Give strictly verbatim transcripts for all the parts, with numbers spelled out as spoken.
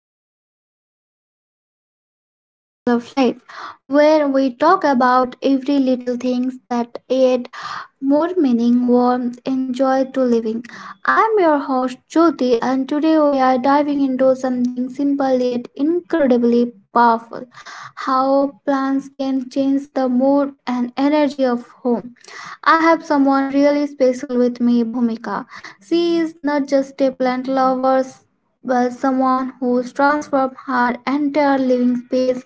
everyone, welcome back to Sparkle of Life, where we talk about every little things that add more meaning, warmth, and joy to living. I'm your host Jyoti, and today we are diving into something simple yet incredibly powerful: how plants can change the mood and energy of home. I have someone really special with me, Bhumika. She is not just a plant lover, but someone who's transformed her entire living space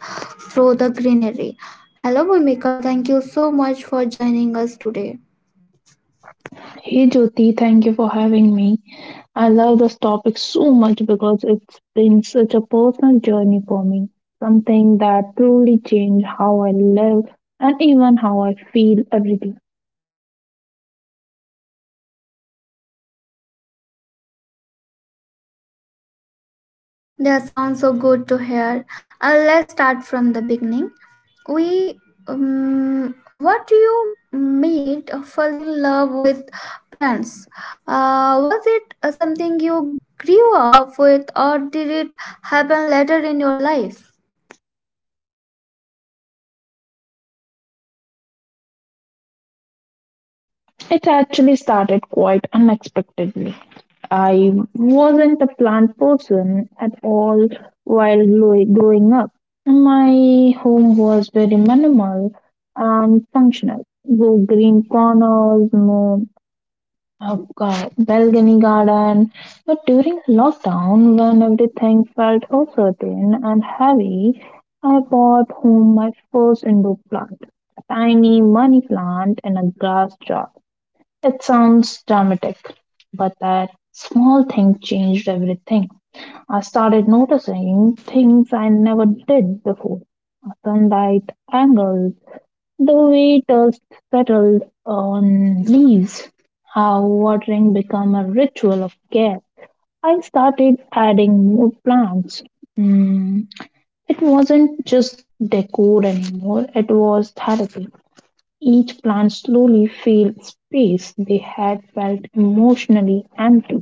through the greenery. Hello, Bhumika. Thank you so much for joining us today. Hey Jyoti, thank you for having me. I love this topic so much because it's been such a personal journey for me, something that truly changed how I live and even how I feel every day. That sounds so good to hear. Uh, let's start from the beginning. We um, What do you made fall in love with plants? Uh, was it uh, something you grew up with, or did it happen later in your life? It actually started quite unexpectedly. I wasn't a plant person at all while gro- growing up. My home was very minimal and functional. No green corners, no. Oh God, balcony garden. But during lockdown, when everything felt uncertain and heavy, I brought home my first indoor plant, a tiny money plant in a glass jar. It sounds dramatic, but that small thing changed everything. I started noticing things I never did before: sunlight, angles, the way dust settled on leaves, how watering became a ritual of care. I started adding more plants. Mm, It wasn't just decor anymore, it was therapy. Each plant slowly filled space they had felt emotionally empty.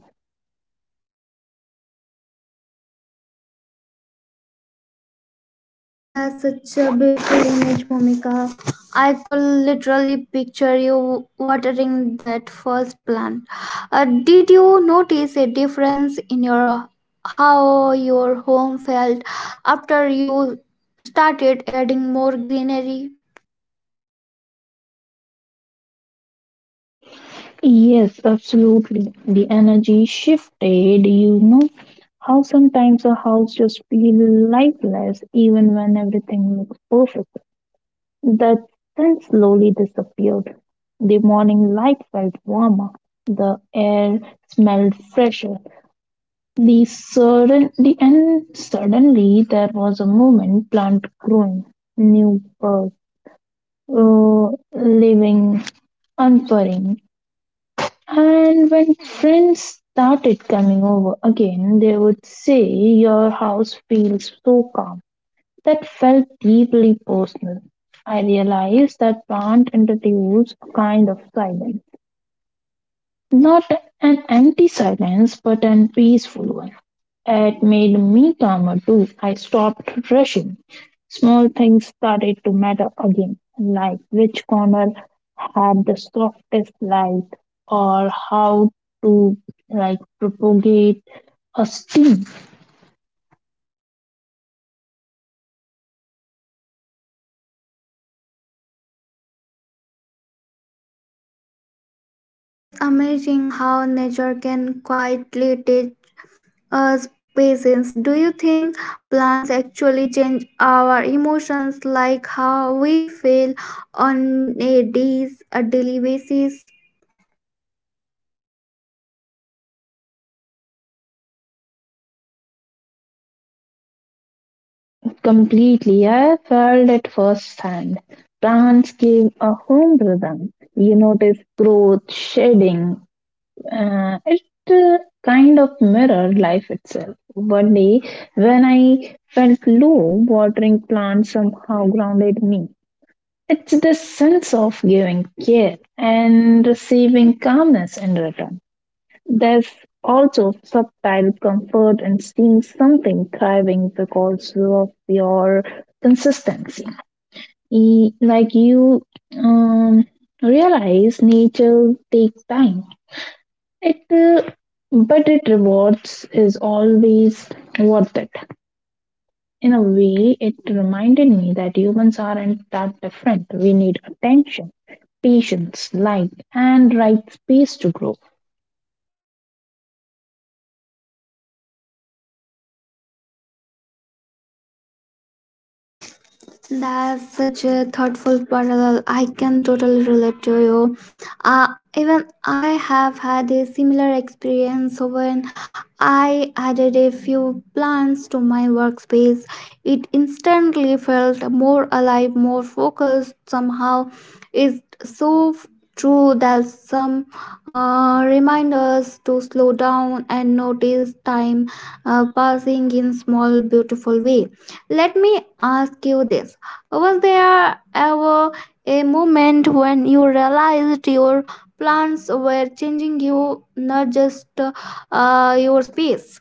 That's such a beautiful image, Momika. I could literally picture you watering that first plant. Uh, did you notice a difference in your how your home felt after you started adding more greenery? Yes, absolutely. The energy shifted. You know how sometimes a house just feels lifeless even when everything looks perfect. That sense slowly disappeared. The morning light felt warmer. The air smelled fresher. The sudden, the and suddenly there was a moment plant growing, new birds, uh, living, unfurling. And when friends started coming over again, they would say, "Your house feels so calm." That felt deeply personal. I realized that plant introduced a kind of silence. Not an empty silence, but an peaceful one. It made me calmer too. I stopped rushing. Small things started to matter again, like which corner had the softest light or how to like propagate a steam. It's amazing how nature can quietly teach uh, patience. Do you think plants actually change our emotions, like how we feel on a, days, a daily basis? Completely, I felt at first hand. Plants give a home rhythm. You notice growth, shading. Uh, it uh, Kind of mirrored life itself. One day, when I felt low, watering plants somehow grounded me. It's this sense of giving care and receiving calmness in return. There's also subtle comfort in seeing something thriving because of your consistency. E- Like you um, realize nature takes time it uh, but it rewards is always worth it. In a way, it reminded me that humans aren't that different. We need attention, patience, light, and right space to grow. That's such a thoughtful parallel. I can totally relate to you. Uh, Even I have had a similar experience when I added a few plants to my workspace. It instantly felt more alive, more focused. Somehow, it's so f- true that some uh, remind us to slow down and notice time uh, passing in small, beautiful way. Let me ask you this: was there ever a moment when you realized your plans were changing you, not just uh, your space?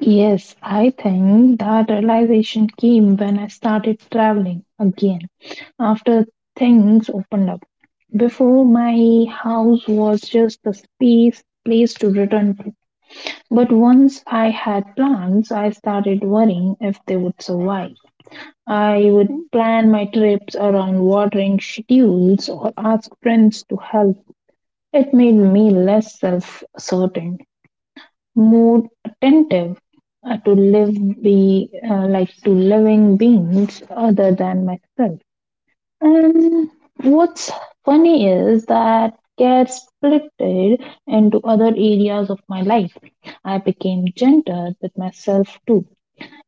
Yes, I think that realization came when I started traveling again after things opened up. Before, my house was just a space, place to return to. But once I had plans, I started worrying if they would survive. I would plan my trips around watering schedules or ask friends to help. It made me less self certain, more attentive uh, to live be uh, like to living beings other than myself. And what's funny is that gets split into other areas of my life. I became gentle with myself too.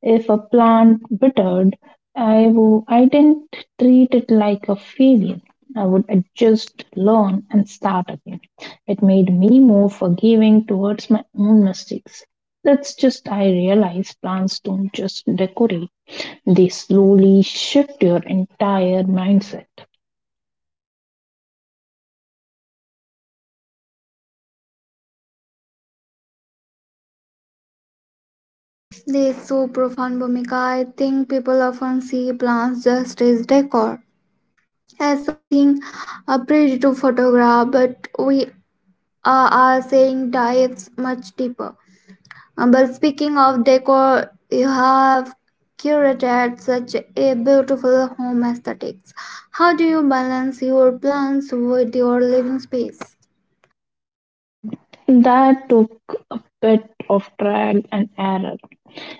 If a plant withered, I I w- I didn't treat it like a failure. I would adjust, learn, and start again. It made me more forgiving towards my own mistakes. That's just I realized plants don't just decorate; they slowly shift your entire mindset. This is so profound, Bhumika. I think people often see plants just as decor, as something uh, pretty to photograph, but we uh, are saying dives much deeper. Um, but speaking of decor, you have curated such a beautiful home aesthetics. How do you balance your plants with your living space? That took a bit of trial and error.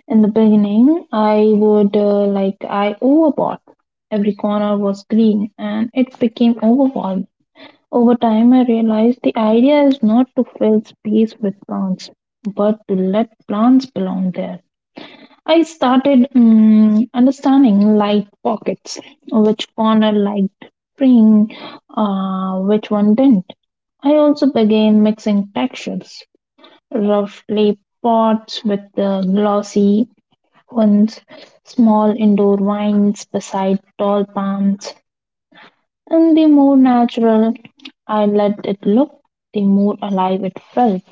In the beginning, I would uh, like I overbought. Every corner was green and it became overwhelming. Over time, I realized the idea is not to fill space with plants, but to let plants belong there. I started mm understanding light pockets, which corner liked spring, uh, which one didn't. I also began mixing textures: roughly pots with the glossy ones, small indoor vines beside tall palms, and the more natural I let it look, the more alive it felt.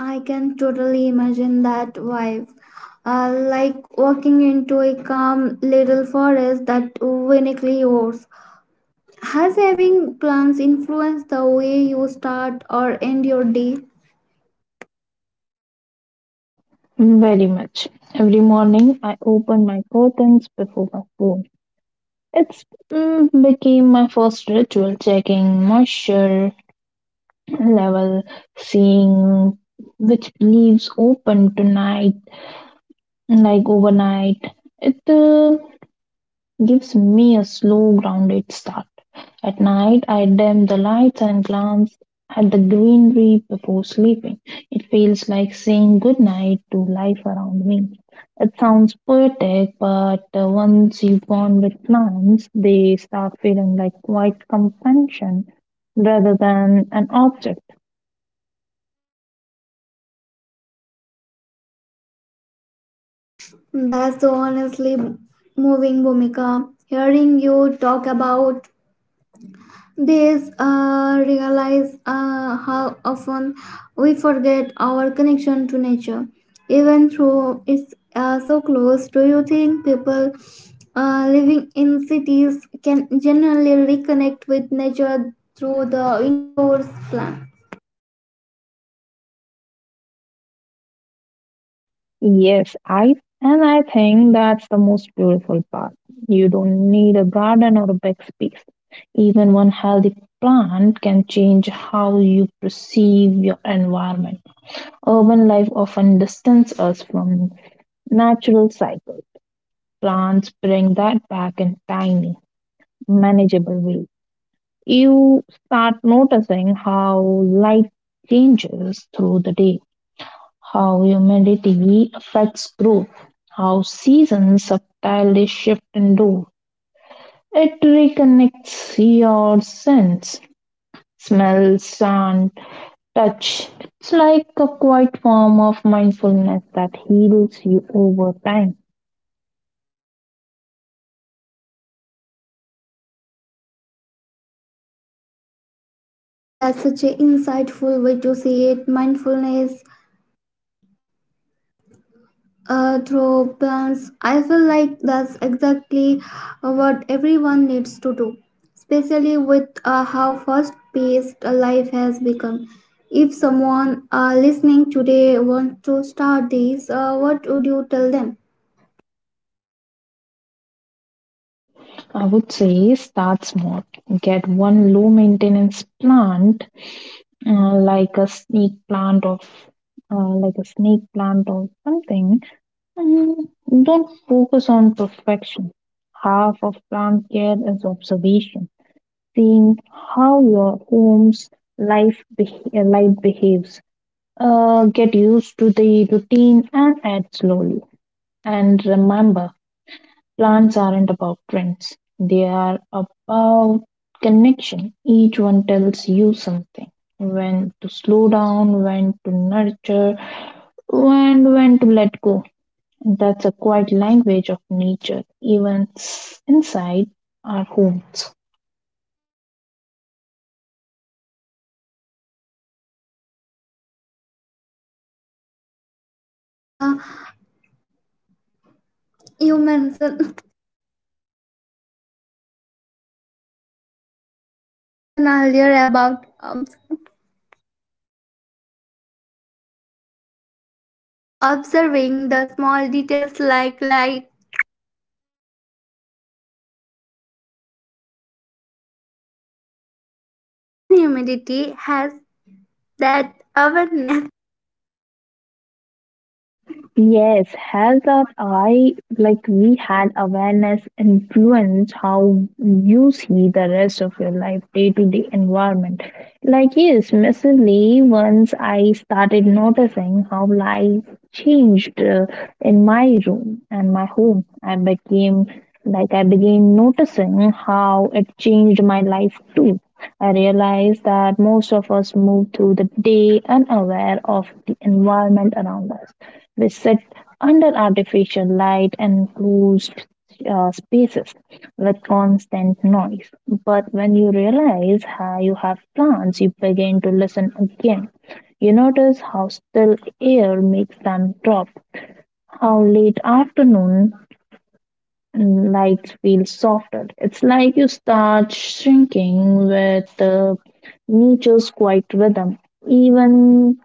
I can totally imagine that vibe. Uh, like walking into a calm little forest that uniquely yours. Has having plants influenced the way you start or end your day? Very much. Every morning I opened my curtains before my phone. It became my first ritual, checking moisture level, seeing which leaves open tonight, like overnight. It uh, Gives me a slow, grounded start. At night, I dim the lights and glance at the greenery before sleeping. It feels like saying goodnight to life around me. It sounds poetic, but uh, once you bond with plants, they start feeling like quiet companion rather than an object. That's so honestly moving, Bhumika. Hearing you talk about this uh, realize uh, how often we forget our connection to nature, even though it's uh, so close. Do you think people uh, living in cities can generally reconnect with nature through the indoors plant? Yes, I and I think that's the most beautiful part. You don't need a garden or a big space. Even one healthy plant can change how you perceive your environment. Urban life often distances us from natural cycles. Plants bring that back in tiny, manageable ways. You start noticing how light changes through the day, how humidity affects growth, how seasons subtly shift and do. It reconnects your sense, smell, sound, touch. It's like a quiet form of mindfulness that heals you over time. That's such an insightful way to see it. Mindfulness uh, through plans. I feel like that's exactly what everyone needs to do, especially with uh, how fast paced life has become. If someone uh, listening today wants to start this, uh, what would you tell them? I would say start small. Get one low maintenance plant, uh, like a snake plant of uh, like a snake plant or something. And don't focus on perfection. Half of plant care is observation, seeing how your home's life beh light behaves. Uh, get used to the routine and add slowly. And remember, plants aren't about trends; they are about connection. Each one tells you something: when to slow down, when to nurture, and when to let go. That's a quiet language of nature, even s- inside our homes. Bhumika, you mentioned you mentioned earlier about um, observing the small details like light and humidity has that awareness. Yes, health of eye, like we had awareness influence how you see the rest of your life, day to day environment. Like, yes, massively, once I started noticing how life changed uh, in my room and my home, I became like I began noticing how it changed my life too. I realized that most of us move through the day unaware of the environment around us. We sit under artificial light and closed uh, spaces with constant noise. But when you realize how you have plants, you begin to listen again. You notice how still air makes them drop, how late afternoon mm, lights feel softer. It's like you start shrinking with uh, nature's quiet rhythm. Even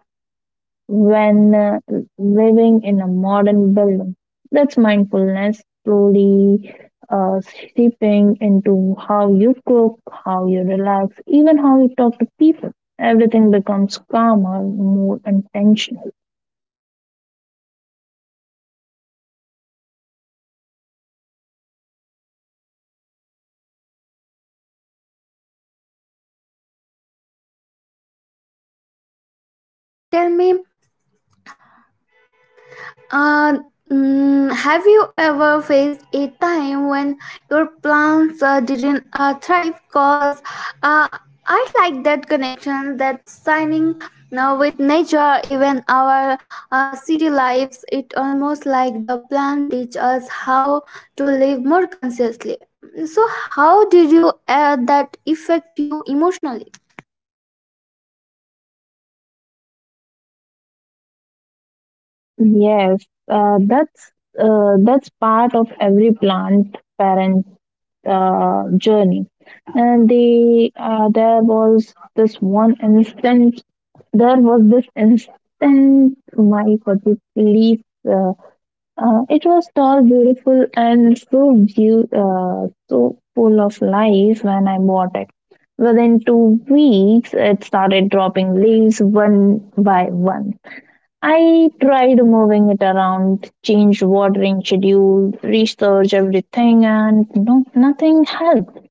when uh, living in a modern building. That's mindfulness slowly uh, seeping into how you cook, how you relax, even how you talk to people. Everything becomes calmer, more intentional. Okay, Bhumika, tell me Uh, mm, have you ever faced a time when your plans uh, didn't uh, thrive? Cause uh, I like that connection, that signing now with nature, even our uh, city lives. It almost like the plan teach us how to live more consciously. So, how did you uh, that affect you emotionally? Yes, uh, that's uh, that's part of every plant parent uh, journey. And the uh, there was this one instant there was this instant my for the police. Uh, uh, it was tall, beautiful, and so view, uh, so full of life when I bought it. Within two weeks, it started dropping leaves one by one. I tried moving it around, changed watering schedule, researched everything, and no, nothing helped.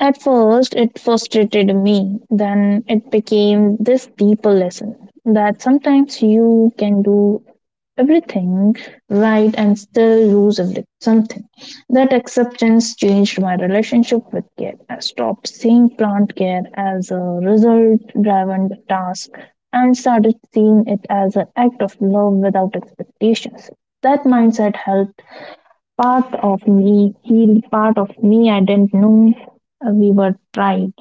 At first, it frustrated me. Then it became this deeper lesson that sometimes you can do everything right and still lose every- something. That acceptance changed my relationship with care. I stopped seeing plant care as a result driven task and started seeing it as an act of love without expectations. That mindset helped. Part of me healed, part of me I didn't know uh, we were tried.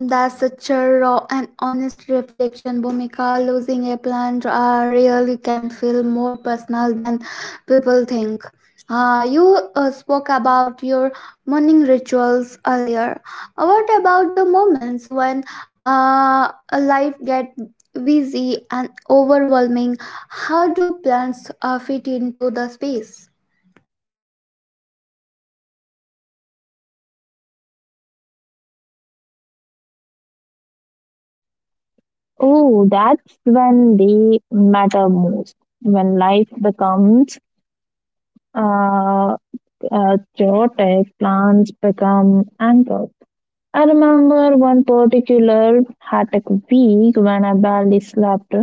That's such a raw and honest reflection, Bhumika. Losing a plant uh, really can feel more personal than people think. Uh, you uh, spoke about your morning rituals earlier. What about the moments when uh, life gets busy and overwhelming? How do plants uh, fit into the space? Oh, that's when they matter most. When life becomes uh, uh, chaotic, plans become anchors. I remember one particular hectic week when I barely slept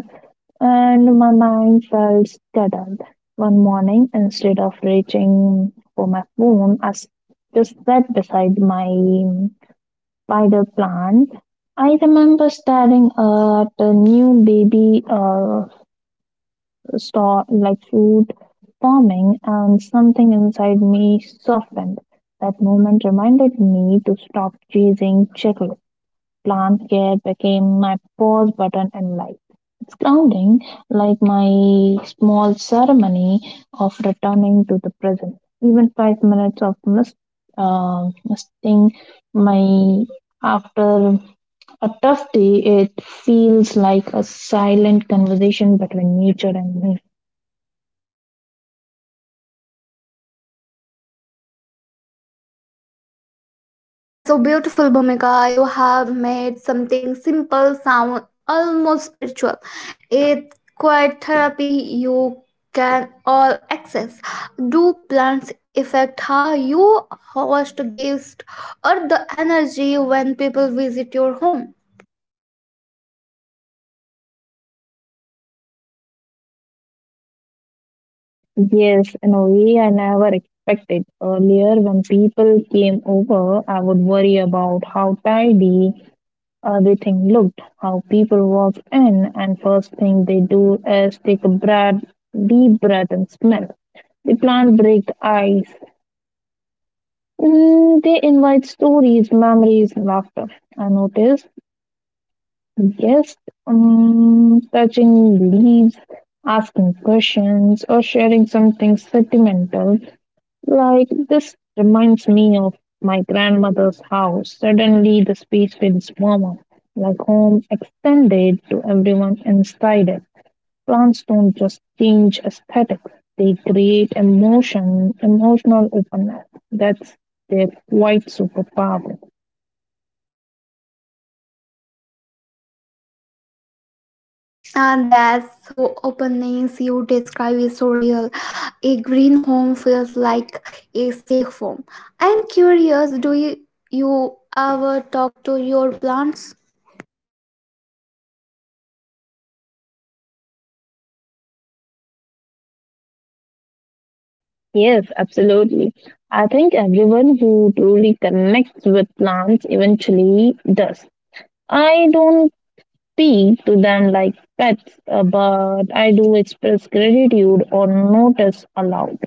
and my mind felt scattered. One morning, instead of reaching for my phone, I s- just sat beside my. By the plant. I remember staring at a new baby uh, store like fruit forming, and something inside me softened. That moment reminded me to stop chasing checklists. Plant care became my pause button in life. It's grounding, like my small ceremony of returning to the present. Even five minutes of mist, uh, misting my after a tough day, it feels like a silent conversation between nature and me. That's so beautiful, Bhumika. You have made something simple sound almost spiritual. It's quite therapy you can all access. Do plants affect how you host guests or the energy when people visit your home? Yes, in a way I never expected. Earlier, when people came over, I would worry about how tidy everything looked, how people walked in, and first thing they do is take a breath, deep breath and smell. The plant break the ice. Mm, they invite stories, memories, laughter. I noticed. Yes, um, touching leaves, asking questions, or sharing something sentimental, like this reminds me of my grandmother's house. Suddenly, the space feels warmer, like home extended to everyone inside it. Plants don't just change aesthetics, they create emotion, emotional openness. That's their quite superpower. And that's so openness you describe is so real. A green home feels like a safe home. I'm curious, do you, you ever talk to your plants? Yes, absolutely. I think everyone who truly connects with plants eventually does. I don't speak to them like pets, uh, but I do express gratitude or notice aloud.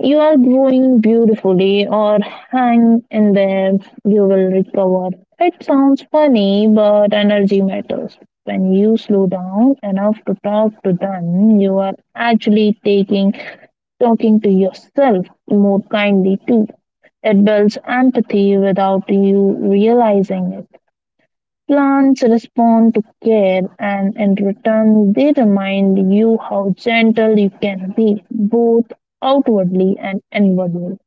You are growing beautifully, or hang in there, you will recover. It sounds funny, but energy matters. When you slow down enough to talk to them, you are actually taking talking to yourself more kindly too. It builds empathy without you realizing it. Plants respond to care, and in return, they remind you how gentle you can be, both outwardly and inwardly.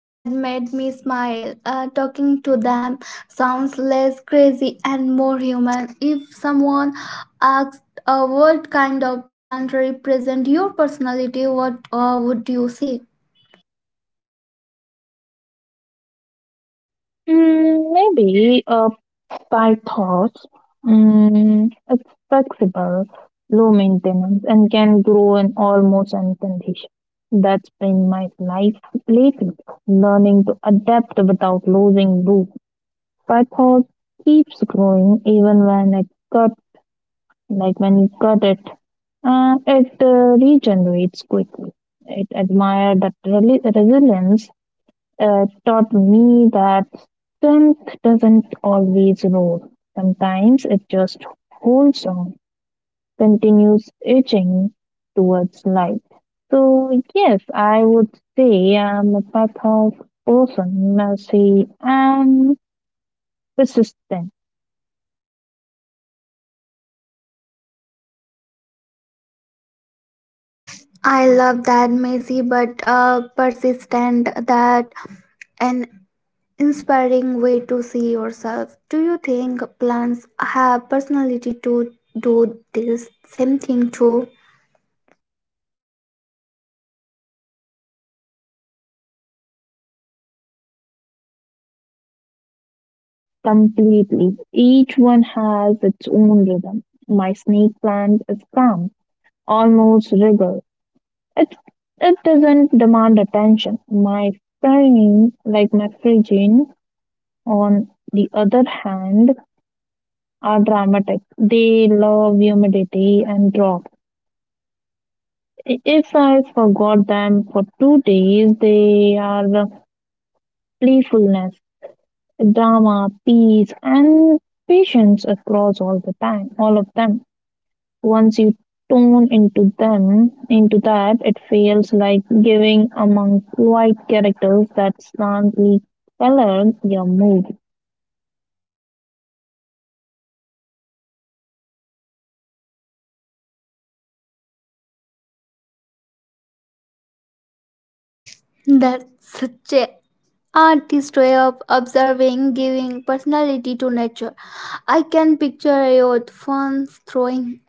That made me smile. Uh, talking to them sounds less crazy and more human. If someone asked, uh, what kind of plant represent your personality? What uh, would you say? Hmm, maybe a PyTorch. Mm, it's flexible, low maintenance, and can grow in almost any condition. That's been my life lately, learning to adapt without losing roots. PyTorch keeps growing even when it cut, like when you cut it, uh, it uh, regenerates quickly. It admired that reli- resilience uh, taught me that strength doesn't always roar. Sometimes it just holds on, continues itching towards light. So, yes, I would say I'm a path of person, mercy, and persistent I love that messy but uh, persistent, that an inspiring way to see yourself. Do you think plants have personality to do this same thing too? completely. Each one has its own rhythm. My snake plant is calm, almost regal. It it doesn't demand attention. My friends, like my Phrygian, on the other hand, are dramatic. They love humidity and drop. I- If I forgot them for two days, they are the playfulness, drama, peace, and patience across all the time, all of them. Once you tune into them into that, it feels like giving among white characters that slightly color your mood. That's such a artist way of observing, giving personality to nature. I can picture your fans throwing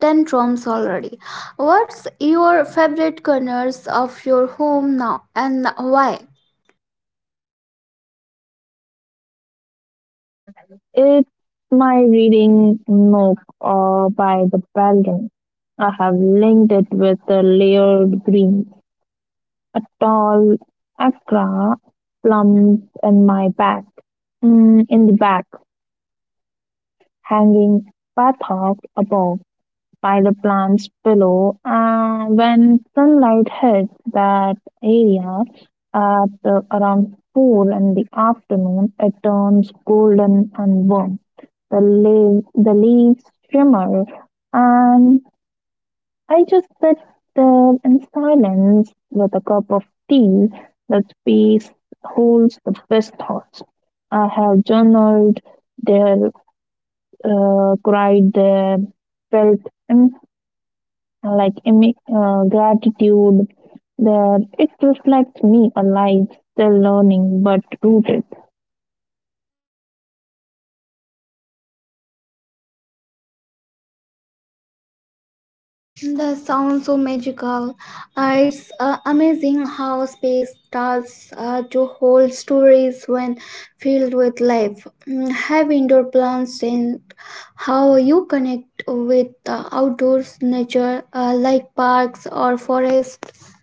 tantrums already. What's your favorite corners of your home now and why? It's my reading Nook or by the Balcony. I have linked it with the layered green, a tall akra plump in my back, mm, in the back, hanging bathtub above, by the plants below. Uh, when sunlight hits that area at uh, around four in the afternoon, it turns golden and warm. The, leaves, the leaves shimmer, and I just sit there in silence with a cup of tea. That space holds the best thoughts. I have journaled there, uh, cried there, felt like emi- uh, gratitude that it reflects me a life still learning but rooted. That sounds so magical. Uh, it's uh, amazing how space starts uh, to hold stories when filled with life. Mm, have indoor plants and how you connect with uh, outdoors nature uh, like parks or forests.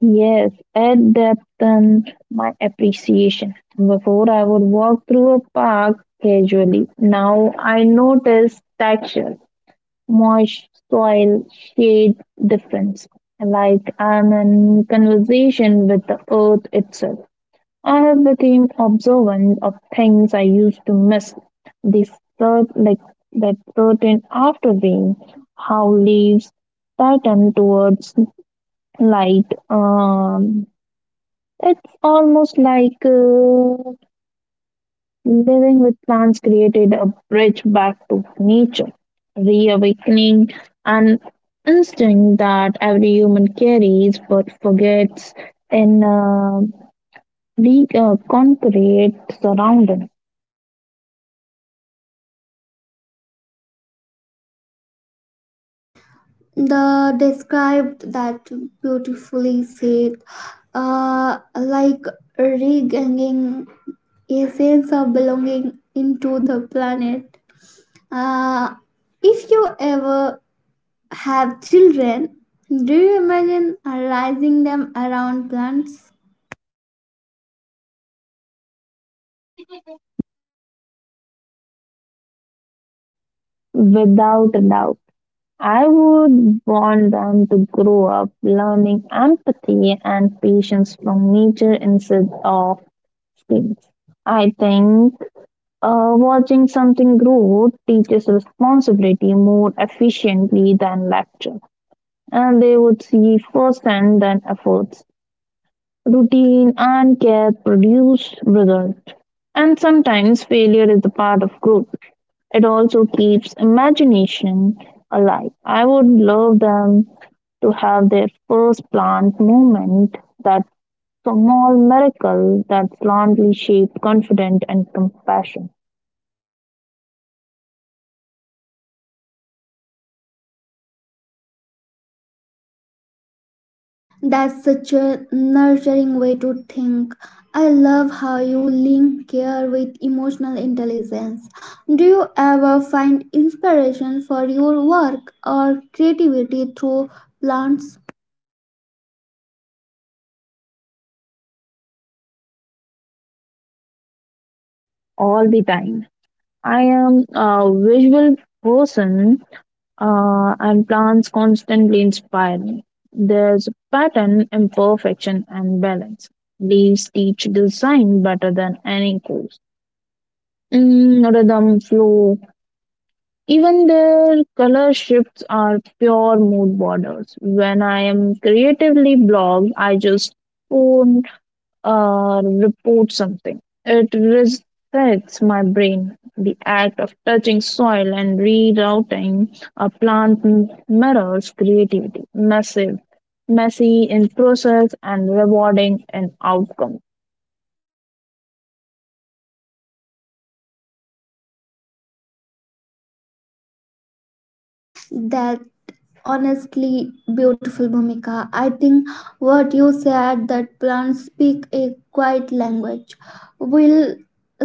Yes, at depth and my appreciation. Before I would walk through a park casually. Now I notice texture, moist soil, shade difference. Like I'm in conversation with the earth itself. I became observant of things I used to miss. This cert, like That certain after rain, how leaves pattern towards light. Um, it's almost like uh, living with plants created a bridge back to nature, reawakening an instinct that every human carries but forgets in a big, uh, concrete surroundings. The described that beautifully said, uh, like regaining a sense of belonging into the planet. Uh, if you ever have children, do you imagine raising them around plants? Without a doubt. I would want them to grow up learning empathy and patience from nature instead of screens. I think uh, watching something grow teaches responsibility more efficiently than lecture, and they would see firsthand than efforts routine and care produce results. And sometimes failure is the part of growth. It also keeps imagination alive. I would love them to have their first plant moment, that small miracle that slowly shaped confident and compassion That's such a nurturing way to think. I love how you link care with emotional intelligence. Do you ever find inspiration for your work or creativity through plants? all the time. I am a visual person uh, and plants constantly inspire me. There's pattern, imperfection, and balance. These teach design better than any course. Mm, rhythm, flow, even their color shifts are pure mood borders. When I am creatively blocked, I just pour uh, report something. It resets my brain. The act of touching soil and rerouting a plant m- mirrors creativity, massive, messy in process and rewarding in outcome. That honestly beautiful Bhumika, I think what you said, that plants speak a quiet language, will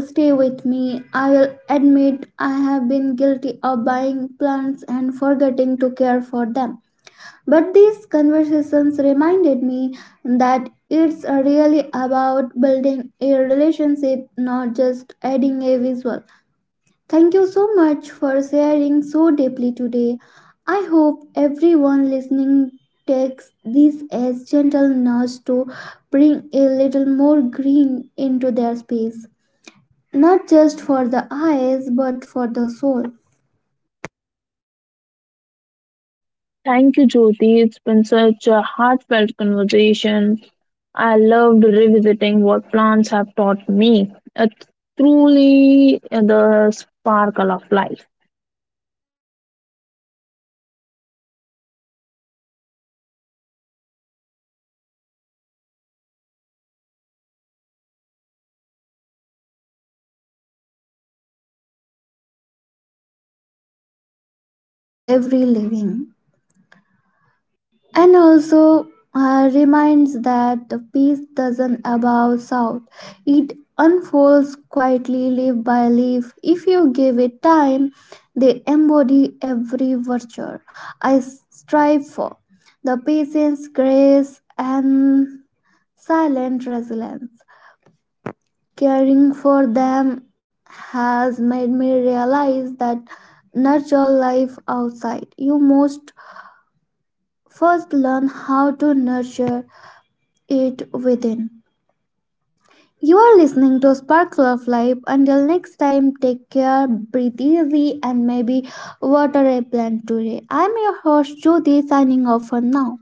stay with me. I will admit I have been guilty of buying plants and forgetting to care for them, but these conversations reminded me that it's really about building a relationship, not just adding a visual. Thank you so much for sharing so deeply today. I hope everyone listening takes this as gentle nudge to bring a little more green into their space, not just for the eyes but for the soul. Thank you, Jyoti. It's been such a heartfelt conversation. I loved revisiting what plants have taught me. It's truly the sparkle of life. That's the perfect note to end on. And to everyone listening, don't forget to tune in next time for another story that brings meaning to every living. And also uh, reminds that the peace doesn't above south, it unfolds quietly leaf by leaf. If you give it time, they embody every virtue i s- strive for: the patience, grace, and silent resilience. Caring for them has made me realize that nurture life outside you must first learn how to nurture it within. You are listening to Sparkle of Life. Until next time, take care, breathe easy, and maybe water a plant today. I'm your host, Jyoti, signing off for now.